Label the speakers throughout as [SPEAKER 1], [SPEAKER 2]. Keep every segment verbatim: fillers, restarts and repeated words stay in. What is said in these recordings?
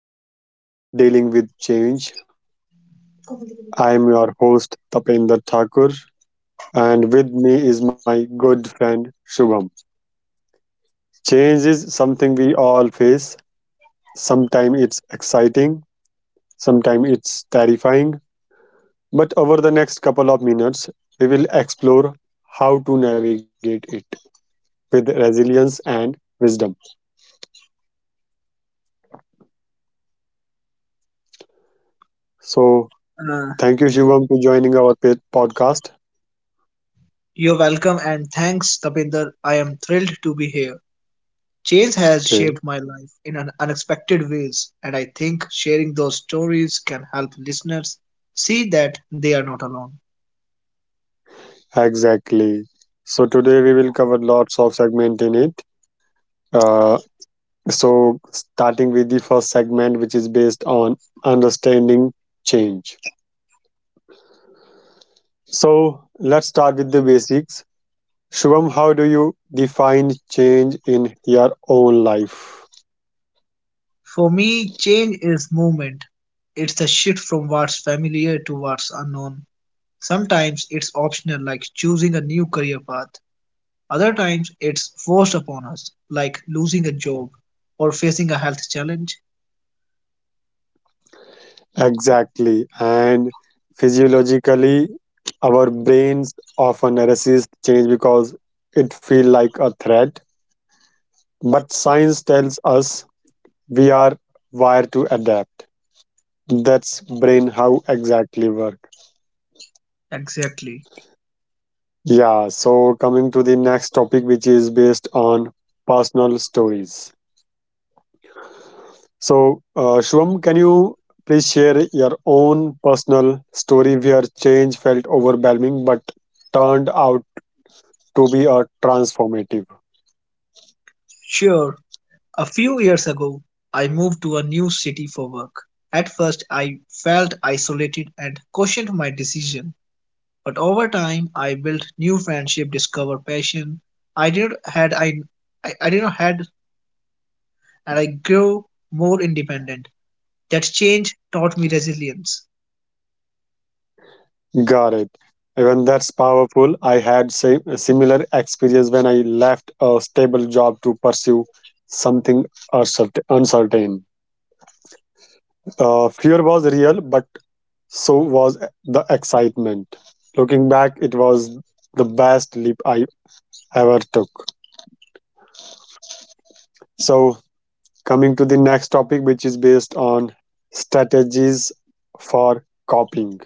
[SPEAKER 1] episode of Dealing with Change.
[SPEAKER 2] Uh,
[SPEAKER 1] I am your host Tapendra Thakur and with me is my good friend Shubham. Change is something we all face. Sometimes it's exciting, sometimes it's terrifying, but over the next couple of minutes we will explore how to navigate it with resilience and wisdom. So, thank you Shubham for joining our pa- podcast.
[SPEAKER 2] you're welcome and thanks, Tapinder. I am thrilled to be here. Change has shaped
[SPEAKER 1] Okay.
[SPEAKER 2] my life in an unexpected ways, and I think sharing those stories can help listeners see that they are not alone.
[SPEAKER 1] Exactly. So today we will cover lots of segment in it. Uh, so starting with the first segment, which is based on understanding change. So let's start with the basics. Shubham, how do you define change in your own life?
[SPEAKER 2] For me, change is movement. It's the shift from what's familiar to what's unknown. Sometimes it's optional, like choosing a new career path. Other times it's forced upon us, like losing a job or facing a health challenge.
[SPEAKER 1] Exactly. And physiologically, our brains often resist change because it feels like a threat. But science tells us we are wired to adapt. That's brain how exactly work.
[SPEAKER 2] Exactly.
[SPEAKER 1] Yeah, so coming to the next topic, which is based on personal stories. So, uh, Shwam, can you please share your own personal story where change felt overwhelming but turned out to be a transformative?
[SPEAKER 2] Sure, a few years ago, I moved to a new city for work. At first, I felt isolated and questioned my decision, but over time, I built new friendship, discovered passion. I did not had I, I, I did not had, and I grew more independent. That change taught me resilience.
[SPEAKER 1] Got it. Even that's powerful. I had same, a similar experience when I left a stable job to pursue something uncertain. uncertain. Uh, fear was real, but so was the excitement. Looking back, it was the best leap I ever took. So, coming to the next topic, which is based on strategies for coping.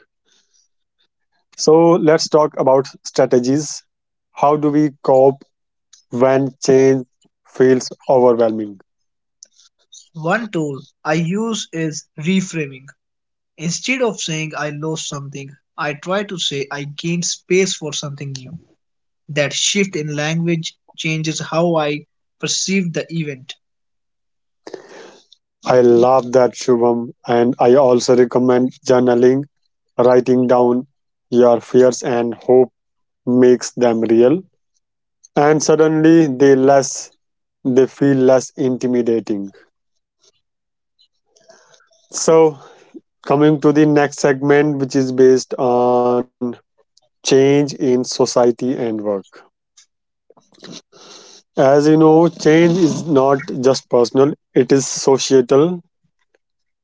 [SPEAKER 1] So, let's talk about strategies. How do we cope when change feels overwhelming?
[SPEAKER 2] One tool I use is reframing. Instead of saying I lost something, I try to say I gained space for something new. That shift in language changes how I perceived the event.
[SPEAKER 1] I love that, Shubham, and I also recommend journaling, writing down your fears and hopes makes them real and suddenly they less they feel less intimidating. So coming to the next segment, which is based on change in society and work. As you know, change is not just personal, it is societal.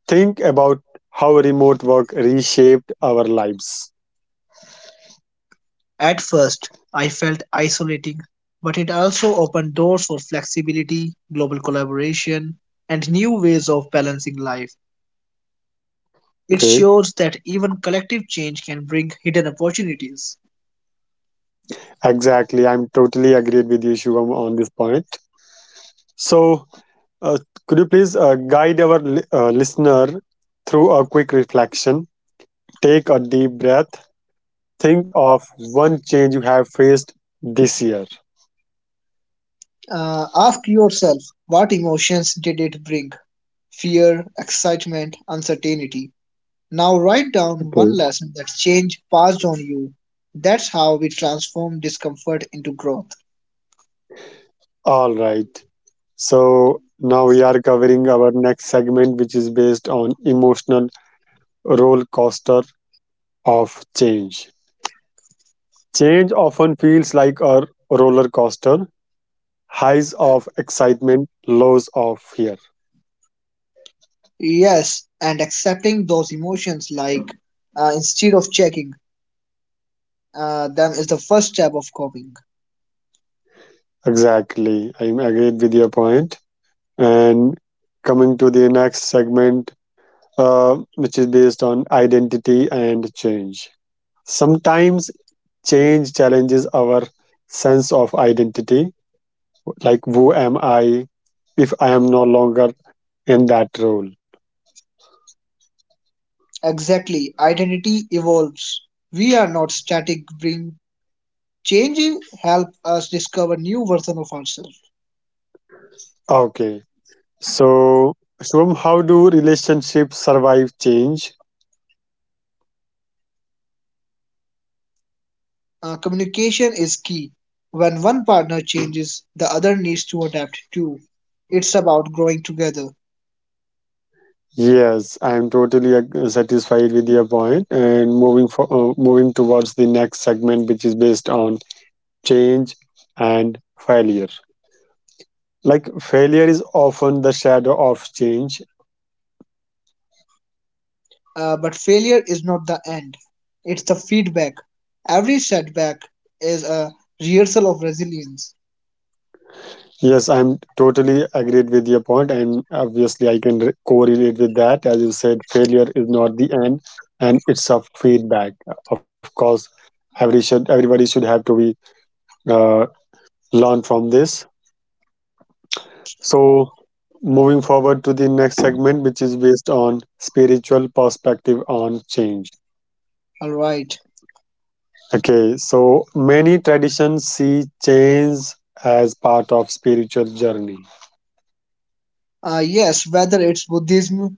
[SPEAKER 1] Think about how remote work reshaped our lives.
[SPEAKER 2] At first, I felt isolating, but it also opened doors for flexibility, global collaboration, and new ways of balancing life. It
[SPEAKER 1] Okay.
[SPEAKER 2] shows that even collective change can bring hidden opportunities.
[SPEAKER 1] Exactly, I'm totally agreed with you Shubham on this point, so Uh, could you please uh, guide our li- uh, listener through a quick reflection? Take a deep breath. Think of one change you have faced this year.
[SPEAKER 2] Uh, ask yourself what emotions did it bring? Fear, excitement, uncertainty. Now write down one
[SPEAKER 1] Okay.
[SPEAKER 2] lesson that change passed on you. That's how we transform discomfort into growth.
[SPEAKER 1] All right. So now we are covering our next segment, which is based on emotional roller coaster of change. Change often feels like a roller coaster, highs of excitement, lows of fear.
[SPEAKER 2] Yes, and accepting those emotions like uh, instead of checking uh, them is the first step of coping.
[SPEAKER 1] Exactly. I'm agreed with your point. And coming to the next segment, uh, which is based on identity and change. Sometimes change challenges our sense of identity, like who am I if I am no longer in that role?
[SPEAKER 2] Exactly, identity evolves. We are not static. Bring changes help us discover new version of ourselves.
[SPEAKER 1] Okay, so Shubham, how do relationships survive change?
[SPEAKER 2] Uh, communication is key. When one partner changes, the other needs to adapt too. It's about growing together.
[SPEAKER 1] Yes, I am totally ag- satisfied with your point, point. And moving for uh, moving towards the next segment, which is based on change and failure, like failure is often the shadow of change.
[SPEAKER 2] Uh, but failure is not the end, it's the feedback. Every setback is a rehearsal of resilience.
[SPEAKER 1] Yes, I'm totally agreed with your point, and obviously I can re- correlate with that. As you said, failure is not the end and it's a feedback. Of course, every should everybody should have to be uh, learn from this. So moving forward to the next segment, which is based on spiritual perspective on change.
[SPEAKER 2] All right.
[SPEAKER 1] Okay, so many traditions see change as part of spiritual journey.
[SPEAKER 2] Uh, yes, whether it's Buddhism,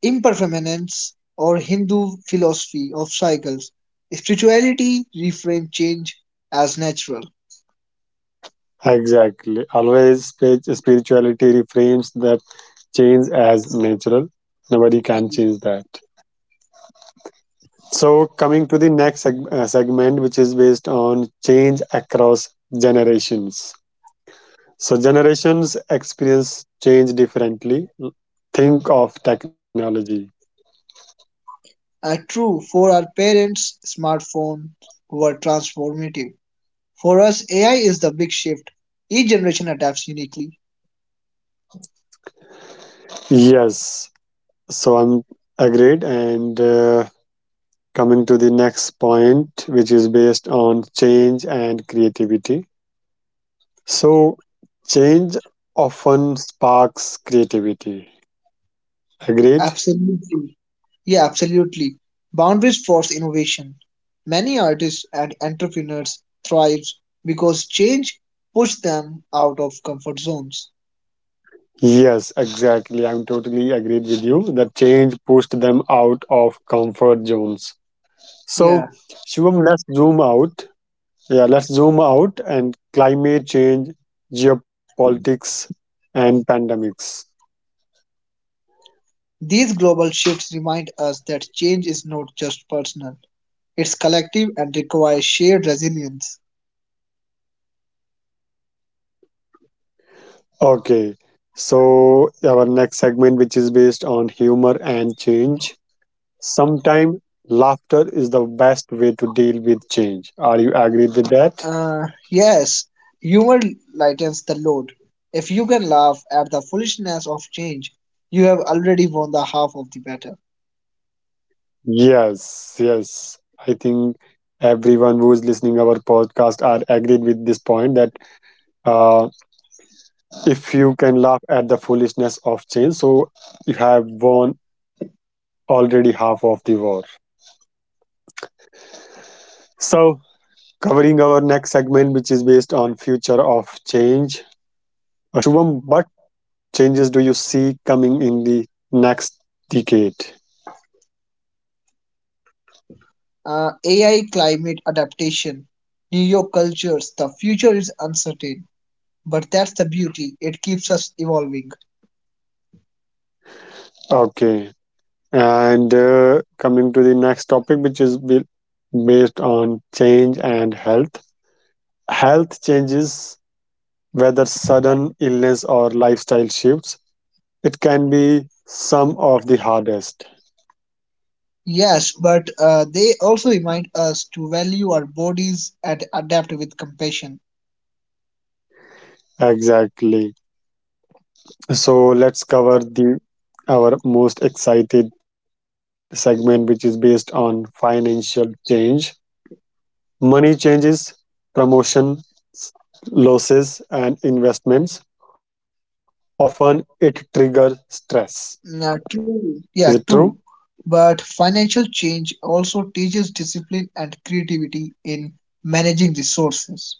[SPEAKER 2] impermanence, or Hindu philosophy of cycles, spirituality reframes change as natural.
[SPEAKER 1] Exactly. Always spi- spirituality reframes that change as natural. Nobody can change that. So coming to the next seg- uh, segment, which is based on change across generations. So generations experience change differently. Think of technology.
[SPEAKER 2] Uh, true, for our parents, smartphones were transformative. For us, A I is the big shift. Each generation adapts uniquely.
[SPEAKER 1] Yes. So I'm agreed and. Uh, coming to the next point, which is based on change and creativity. So change often sparks creativity. Agreed.
[SPEAKER 2] Absolutely. Yeah, absolutely. Boundaries force innovation. Many artists and entrepreneurs thrive because change pushes them out of comfort zones.
[SPEAKER 1] Yes, exactly, I'm totally agreed with you that change pushed them out of comfort zones. So
[SPEAKER 2] Yeah,
[SPEAKER 1] Shivam, let's zoom out. Yeah, let's zoom out. And climate change, geopolitics and pandemics.
[SPEAKER 2] these global shifts remind us that change is not just personal, it's collective and requires shared resilience.
[SPEAKER 1] Okay, so our next segment, which is based on humor and change. Sometimes laughter is the best way to deal with change. Are you agreed with that?
[SPEAKER 2] Uh, yes, humor lightens the load. If you can laugh at the foolishness of change, you have already won the half of the battle.
[SPEAKER 1] Yes, yes, I think everyone who is listening our podcast are agreed with this point that uh, if you can laugh at the foolishness of change, so you have won already half of the war. So covering our next segment, which is based on future of change. Uh, Shubham, what changes do you see coming in the next decade?
[SPEAKER 2] Uh, A I climate adaptation, New York cultures, the future is uncertain, but that's the beauty. It keeps us evolving.
[SPEAKER 1] Okay, and uh, coming to the next topic, which is be- based on change and health. Health changes, whether sudden illness or lifestyle shifts, it can be some of the hardest.
[SPEAKER 2] Yes, but uh, they also remind us to value our bodies and adapt with compassion.
[SPEAKER 1] Exactly. So let's cover the our most excited segment, which is based on financial change. Money changes, promotion, losses, and investments. Often it triggers stress.
[SPEAKER 2] Now,
[SPEAKER 1] Is
[SPEAKER 2] true.
[SPEAKER 1] it
[SPEAKER 2] Yeah,
[SPEAKER 1] true?
[SPEAKER 2] true. But financial change also teaches discipline and creativity in managing resources,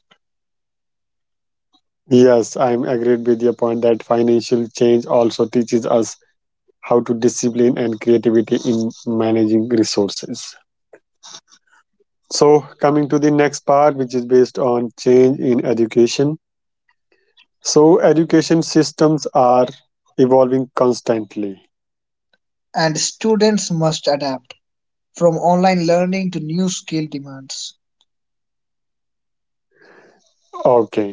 [SPEAKER 1] Yes, I'm agreed with your point that financial change also teaches us how to discipline and creativity in managing resources. So, coming to the next part, which is based on change in education. So, education systems are evolving constantly.
[SPEAKER 2] and students must adapt from online learning to new skill demands.
[SPEAKER 1] Okay.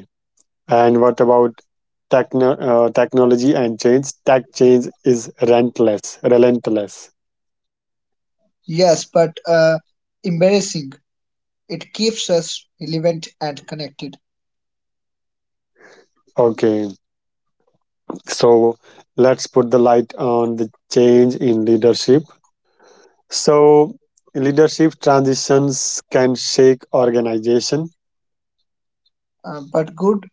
[SPEAKER 1] And what about techno- uh, technology and change? Tech change is relentless, relentless.
[SPEAKER 2] Yes, but uh, embarrassing. It keeps us relevant and connected.
[SPEAKER 1] Okay, so let's put the light on the change in leadership. So leadership transitions can shake organization.
[SPEAKER 2] Uh, but good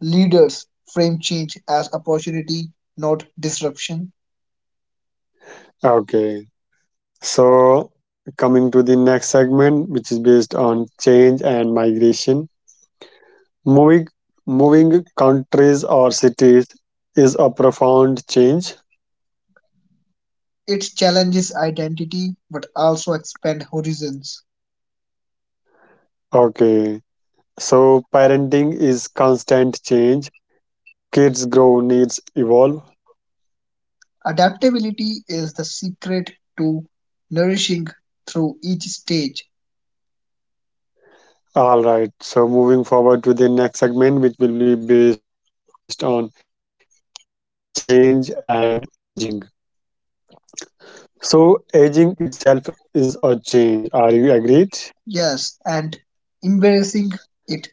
[SPEAKER 2] leaders frame change as opportunity, not disruption.
[SPEAKER 1] Okay, so coming to the next segment, which is based on change and migration. Moving moving countries or cities is a profound change.
[SPEAKER 2] It challenges identity but also expand horizons.
[SPEAKER 1] Okay. So parenting is constant change. Kids grow, needs evolve.
[SPEAKER 2] Adaptability is the secret to nourishing through each stage.
[SPEAKER 1] All right. So moving forward to the next segment, which will be based on change and aging. So aging itself is a change. Are you agreed?
[SPEAKER 2] Yes, and embracing it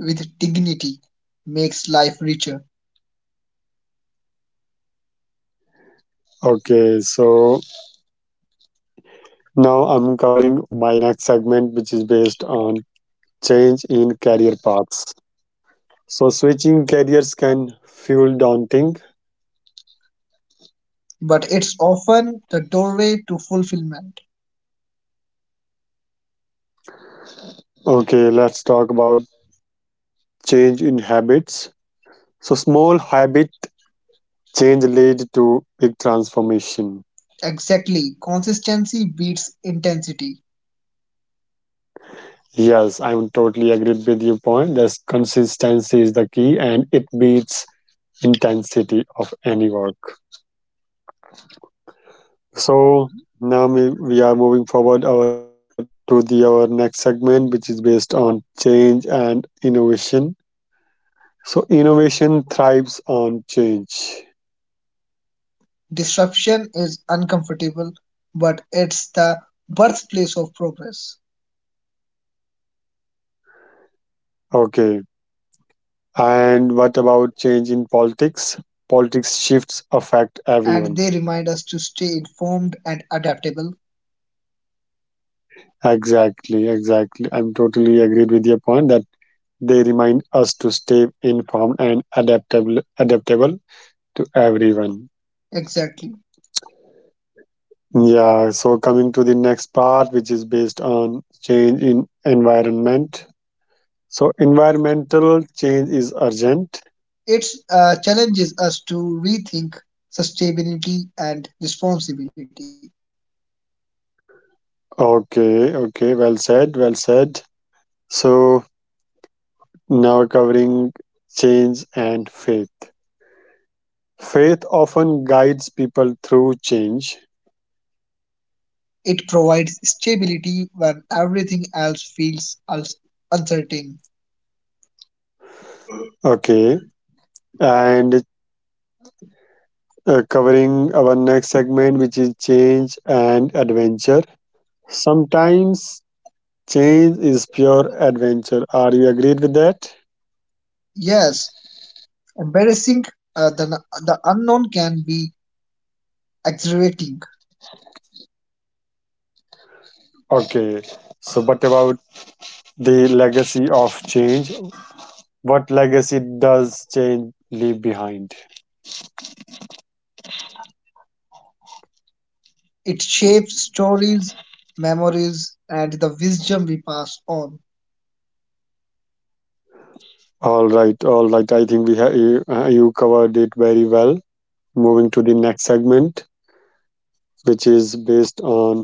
[SPEAKER 2] with dignity makes life richer,
[SPEAKER 1] Okay. So now I'm covering my next segment, which is based on change in career paths. So switching careers can feel daunting.
[SPEAKER 2] but it's often the doorway to fulfillment.
[SPEAKER 1] Okay. Let's talk about change in habits. So small habit change lead to big transformation.
[SPEAKER 2] Exactly. Consistency beats intensity.
[SPEAKER 1] Yes, I'm totally agreed with your point. That's consistency is the key and it beats intensity of any work. So now we, we are moving forward our, to the our next segment, which is based on change and innovation. So innovation thrives on change.
[SPEAKER 2] Disruption is uncomfortable, but it's the birthplace of progress.
[SPEAKER 1] Okay. And what about change in politics? Politics shifts affect
[SPEAKER 2] And
[SPEAKER 1] everyone.
[SPEAKER 2] they remind us to stay informed and adaptable.
[SPEAKER 1] Exactly, exactly, I'm totally agreed with your point that they remind us to stay informed and adaptable adaptable to everyone.
[SPEAKER 2] Exactly.
[SPEAKER 1] Yeah, so coming to the next part, which is based on change in environment. So environmental change is urgent.
[SPEAKER 2] It uh, challenges us to rethink sustainability and responsibility.
[SPEAKER 1] Okay, okay, well said, well said. So now covering change and faith. Faith often guides people through change.
[SPEAKER 2] It provides stability when everything else feels uns- uncertain.
[SPEAKER 1] Okay. And uh, covering our next segment, which is change and adventure. Sometimes change is pure adventure. Are you agreed with that?
[SPEAKER 2] Yes, embarrassing uh, the, the unknown can be exhilarating.
[SPEAKER 1] Okay. So, what about the legacy of change? What legacy does change leave behind?
[SPEAKER 2] It shapes stories, memories, and the wisdom we pass on.
[SPEAKER 1] All right, all right. I think we have you, uh, you covered it very well. Moving to the next segment, which is based on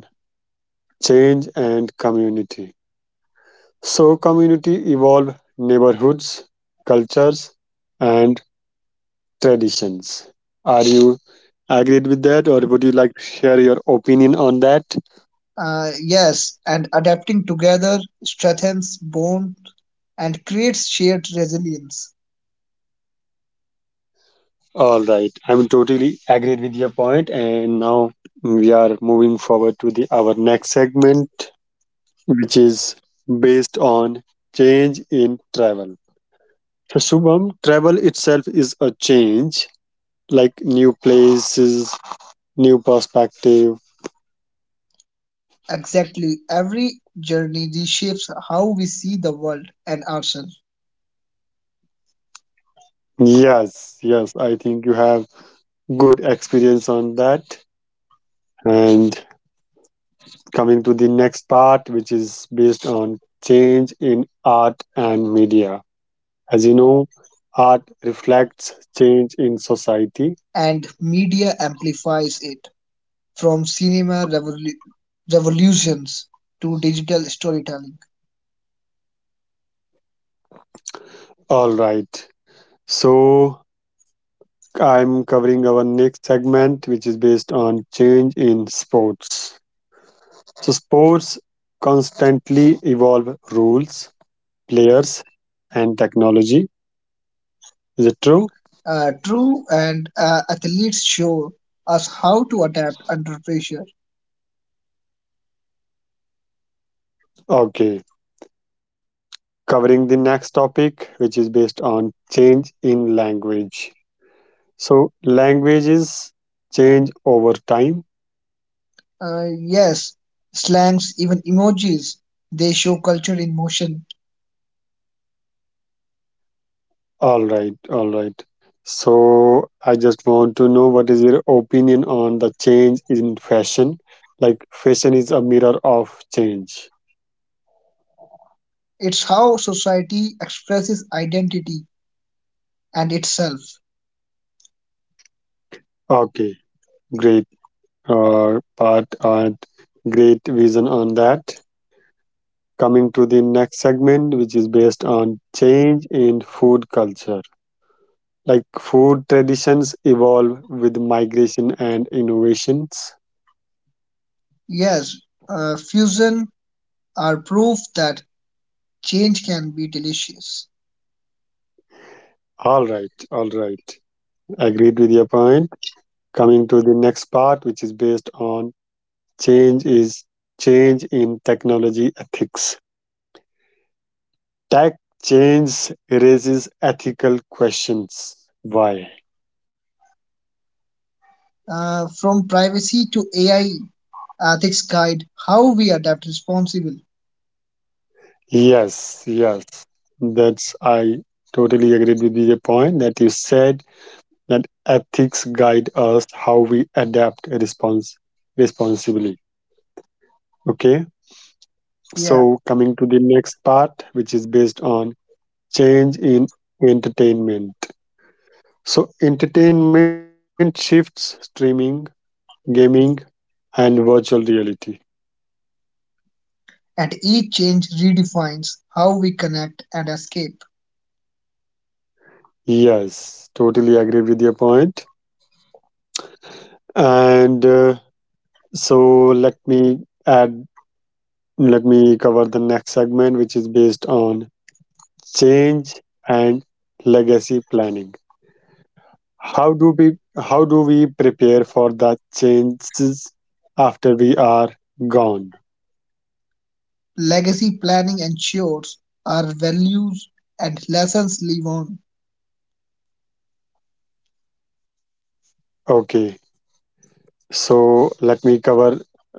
[SPEAKER 1] change and community. So community evolve neighborhoods, cultures and traditions. Are you agreed with that or would you like to share your opinion on that?
[SPEAKER 2] Uh, yes, and adapting together strengthens bonds and creates shared resilience.
[SPEAKER 1] All right. I'm totally agreed with your point, and now we are moving forward to the our next segment, which is based on change in travel. So Shubham, travel itself is a change, like new places, new perspective.
[SPEAKER 2] Exactly, every journey reshapes how we see the world and ourselves,
[SPEAKER 1] Yes, yes, I think you have good experience on that. And coming to the next part, which is based on change in art and media. As you know, art reflects change in society.
[SPEAKER 2] and media amplifies it from cinema revolu- revolutions to digital storytelling.
[SPEAKER 1] All right. So I'm covering our next segment, which is based on change in sports. So sports constantly evolve rules, players, and technology. Is it true?
[SPEAKER 2] Uh, true, and uh, athletes show us how to adapt under pressure.
[SPEAKER 1] Okay. Covering the next topic, which is based on change in language. So, languages change over time.
[SPEAKER 2] Uh, yes, slangs, even emojis, they show culture in motion.
[SPEAKER 1] All right, all right. So, I just want to know what is your opinion on the change in fashion? Like, fashion is a mirror of change.
[SPEAKER 2] It's how society expresses identity and itself.
[SPEAKER 1] Okay, great, uh, part and great vision on that. Coming to the next segment, which is based on change in food culture. Like food traditions evolve with migration and innovations.
[SPEAKER 2] Yes, uh, fusion are proof that change can be delicious.
[SPEAKER 1] All right, all right. Agreed with your point. Coming to the next part, which is based on change is change in technology ethics. Tech change raises ethical questions. Why?
[SPEAKER 2] Uh, from privacy to A I ethics guide how we adapt responsibly.
[SPEAKER 1] Yes, yes. That's I totally agreed with your point that you said that ethics guide us how we adapt response responsibly. Okay,
[SPEAKER 2] Yeah,
[SPEAKER 1] so coming to the next part, which is based on change in entertainment. So, entertainment shifts streaming, gaming, and virtual reality.
[SPEAKER 2] and each change redefines how we connect and escape.
[SPEAKER 1] Yes, totally agree with your point. And uh, so, let me add, let me cover the next segment, which is based on change and legacy planning. How do we how do we prepare for the changes after we are gone?
[SPEAKER 2] Legacy planning ensures our values and lessons live on.
[SPEAKER 1] Okay, so let me cover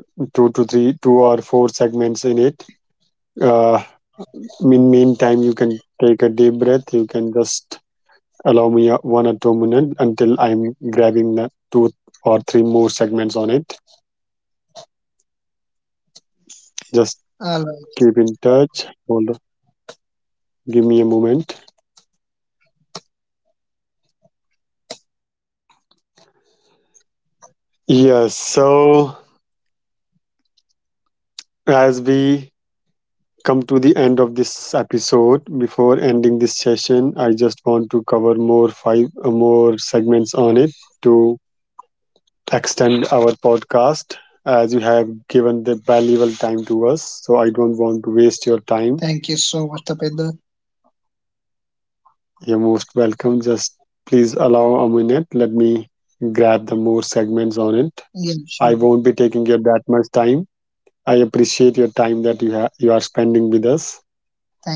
[SPEAKER 1] two to three, two or four segments in it. Uh, in meantime, you can take a deep breath. You can just allow me a, one or two minutes until I'm grabbing the two or three more segments on it. Just
[SPEAKER 2] uh,
[SPEAKER 1] keep in touch. Hold on. Give me a moment. Yes. So as we come to the end of this episode. Before ending this session, I just want to cover more five uh, more segments on it to extend our podcast as you have given the valuable time to us. So I don't want to waste your time.
[SPEAKER 2] Thank you so much, Tapendra.
[SPEAKER 1] You're most welcome. Just please allow a minute. Let me grab the more segments on it.
[SPEAKER 2] Yeah,
[SPEAKER 1] I
[SPEAKER 2] sure.
[SPEAKER 1] won't be taking your that much time. I appreciate your time that you ha- you are spending with us.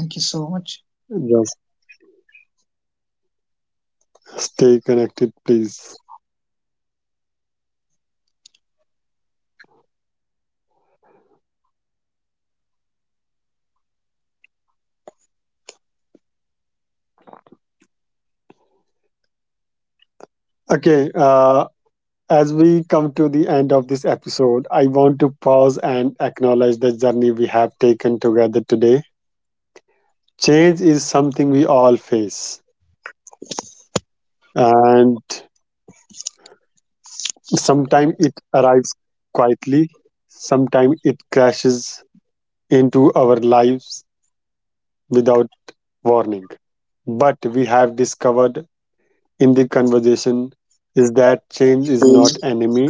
[SPEAKER 2] Thank you so much.
[SPEAKER 1] Just stay connected, please. Okay, uh, As we come to the end of this episode, I want to pause and acknowledge the journey we have taken together today. Change is something we all face, and sometimes it arrives quietly, sometimes it crashes into our lives without warning. But we have discovered in the conversation is that change is not enemy,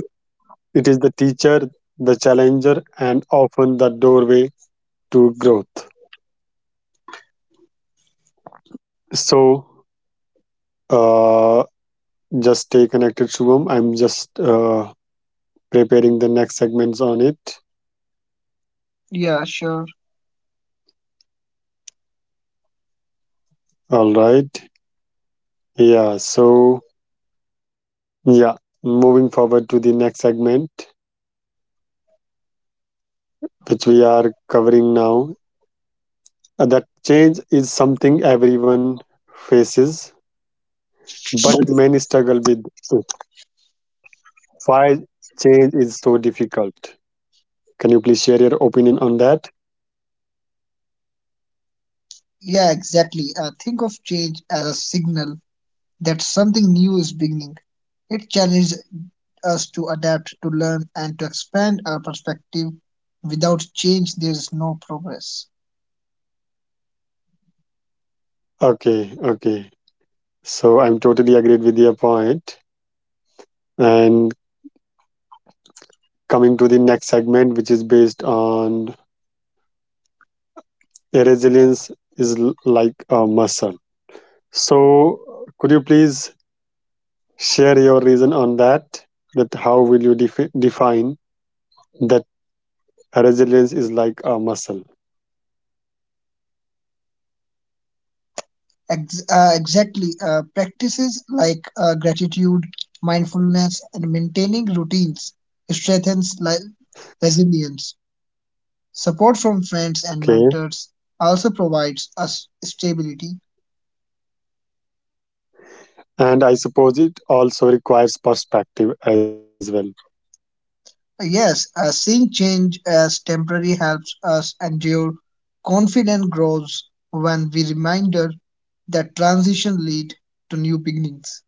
[SPEAKER 1] it is the teacher, the challenger, and often the doorway to growth. So, uh, just stay connected, Shubham. I'm just uh, preparing the next segments on it.
[SPEAKER 2] Yeah, sure.
[SPEAKER 1] All right. Yeah. So, yeah, moving forward to the next segment, which we are covering now. Uh, that change is something everyone faces, but many struggle with it. Why change is so difficult? Can you please share your opinion on that?
[SPEAKER 2] Yeah, exactly. Uh, think of change as a signal that something new is beginning. It challenges us to adapt, to learn, and to expand our perspective. Without change, there is no progress.
[SPEAKER 1] Okay. Okay. So, I'm totally agreed with your point and coming to the next segment, which is based on the resilience is l- like a muscle. So, could you please share your reason on that? That how will you defi- define that resilience is like a muscle?
[SPEAKER 2] Ex- uh, exactly. Uh, practices like uh, gratitude, mindfulness, and maintaining routines strengthens li- resilience. Support from friends and
[SPEAKER 1] Okay,
[SPEAKER 2] mentors also provides us stability.
[SPEAKER 1] and I suppose it also requires perspective as well.
[SPEAKER 2] Yes, uh, seeing change as temporary helps us endure. Confidence grows when we reminder that transition lead to new beginnings.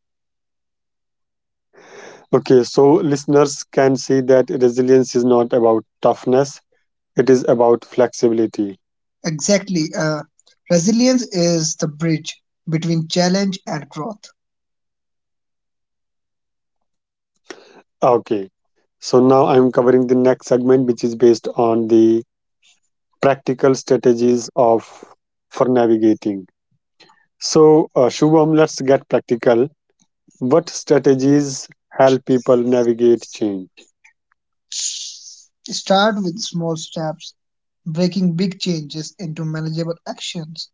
[SPEAKER 1] Okay, so listeners can see that resilience is not about toughness; it is about flexibility.
[SPEAKER 2] Exactly, uh, resilience is the bridge between challenge and growth.
[SPEAKER 1] Okay, so now I'm covering the next segment, which is based on the practical strategies of for navigating. So, uh, Shubham, let's get practical. What strategies help people navigate change?
[SPEAKER 2] Start with small steps, breaking big changes into manageable actions.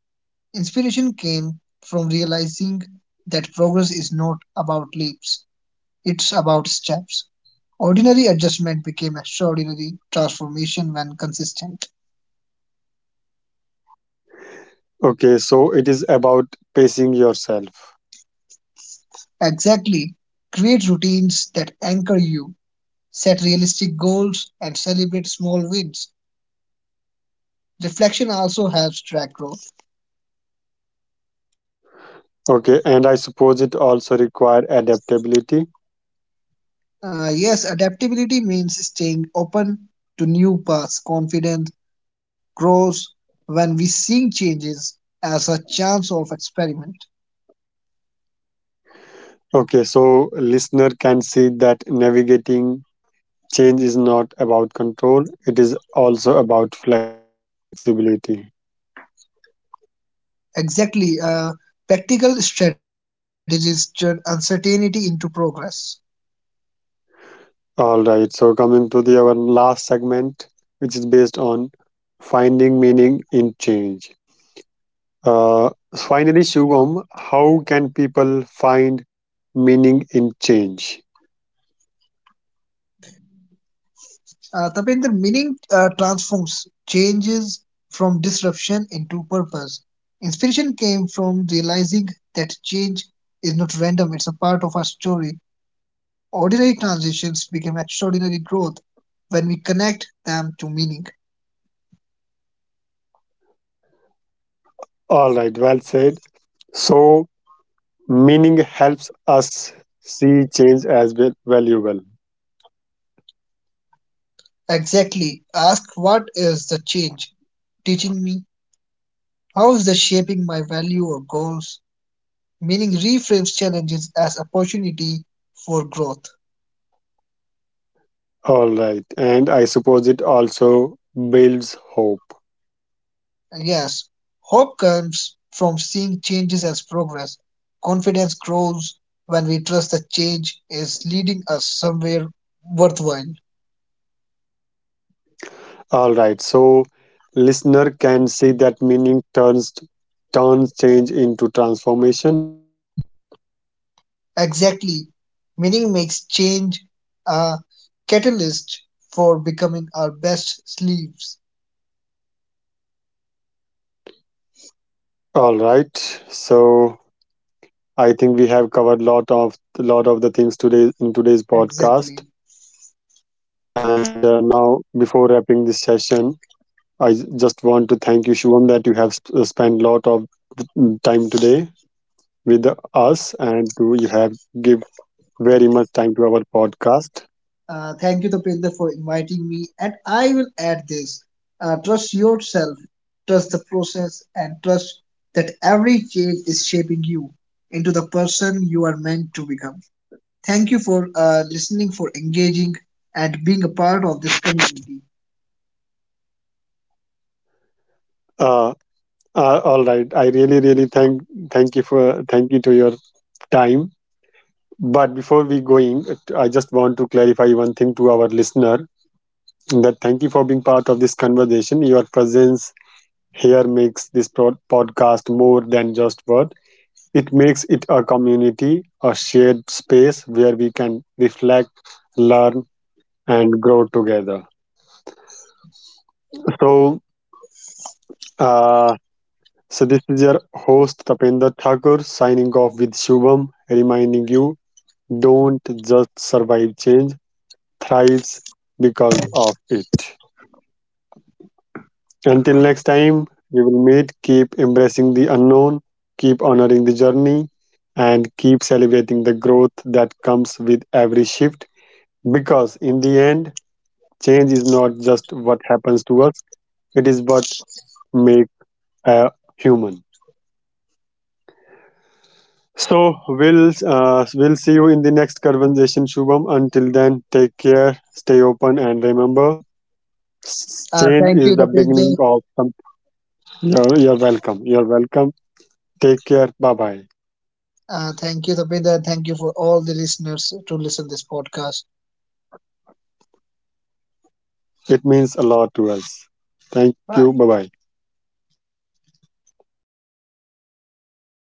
[SPEAKER 2] Inspiration came from realizing that progress is not about leaps, it's about steps. Ordinary adjustment became extraordinary transformation when consistent.
[SPEAKER 1] Okay, so it is about pacing yourself.
[SPEAKER 2] Exactly. Create routines that anchor you, set realistic goals, and celebrate small wins. Reflection also helps track growth.
[SPEAKER 1] Okay, and I suppose it also require adaptability.
[SPEAKER 2] Uh, yes, adaptability means staying open to new paths. Confidence grows when we see changes as a chance of experiment.
[SPEAKER 1] Okay, so listener can see that navigating change is not about control, it is also about flexibility.
[SPEAKER 2] Exactly. Uh, practical strategies turn uncertainty into progress.
[SPEAKER 1] All right, so coming to the our last segment, which is based on finding meaning in change. Uh, Finally, Shubham, how can people find meaning in change?
[SPEAKER 2] Uh, Tapinder, meaning uh, transforms changes from disruption into purpose. Inspiration came from realizing that change is not random, it's a part of our story. Ordinary transitions became extraordinary growth when we connect them to meaning.
[SPEAKER 1] All right, well said. So, meaning helps us see change as val- valuable.
[SPEAKER 2] Exactly. Ask what is the change teaching me? How is that shaping my value or goals? Meaning reframes challenges as opportunity for growth.
[SPEAKER 1] All right, and I suppose it also builds hope.
[SPEAKER 2] Yes, hope comes from seeing changes as progress. Confidence grows when we trust that change is leading us somewhere worthwhile.
[SPEAKER 1] All right. So listener can see that meaning turns turns change into transformation.
[SPEAKER 2] Exactly. Meaning makes change a catalyst for becoming our best sleeves.
[SPEAKER 1] All right. So I think we have covered lot of lot of the things today in today's podcast.
[SPEAKER 2] Exactly.
[SPEAKER 1] And uh, now, before wrapping this session, I j- just want to thank you, Shivam, that you have sp- spent lot of th- time today with us, and to, you have give very much time to our podcast.
[SPEAKER 2] Uh, thank you, Tapinder, for inviting me. And I will add this, uh, trust yourself, trust the process, and trust that every change is shaping you into the person you are meant to become. Thank you for uh, listening, for engaging, and being a part of this community.
[SPEAKER 1] Uh, Uh, all right. I really, really thank thank you for thank you to your time. But before we going, I just want to clarify one thing to our listener that thank you for being part of this conversation. Your presence here makes this pro- podcast more than just word. It makes it a community, a shared space where we can reflect, learn, and grow together. So, uh, so this is your host Tapendra Thakur signing off with Shubham, reminding you don't just survive change, thrives because of it. Until next time, we will meet. Keep embracing the unknown, keep honoring the journey, and keep celebrating the growth that comes with every shift. Because in the end, change is not just what happens to us, it is what makes a human. So we'll uh, we'll see you in the next conversation, Shubham. Until then, take care, stay open, and remember S-
[SPEAKER 2] Uh,
[SPEAKER 1] change
[SPEAKER 2] thank
[SPEAKER 1] is
[SPEAKER 2] you,
[SPEAKER 1] the beginning
[SPEAKER 2] Tapinder.
[SPEAKER 1] of something. You're, you're welcome. You're welcome. Take care. Bye bye.
[SPEAKER 2] Uh, thank you, Tapinder. Thank you for all the listeners to listen this podcast.
[SPEAKER 1] It means a lot to us. Thank you. Bye bye.
[SPEAKER 2] Bye.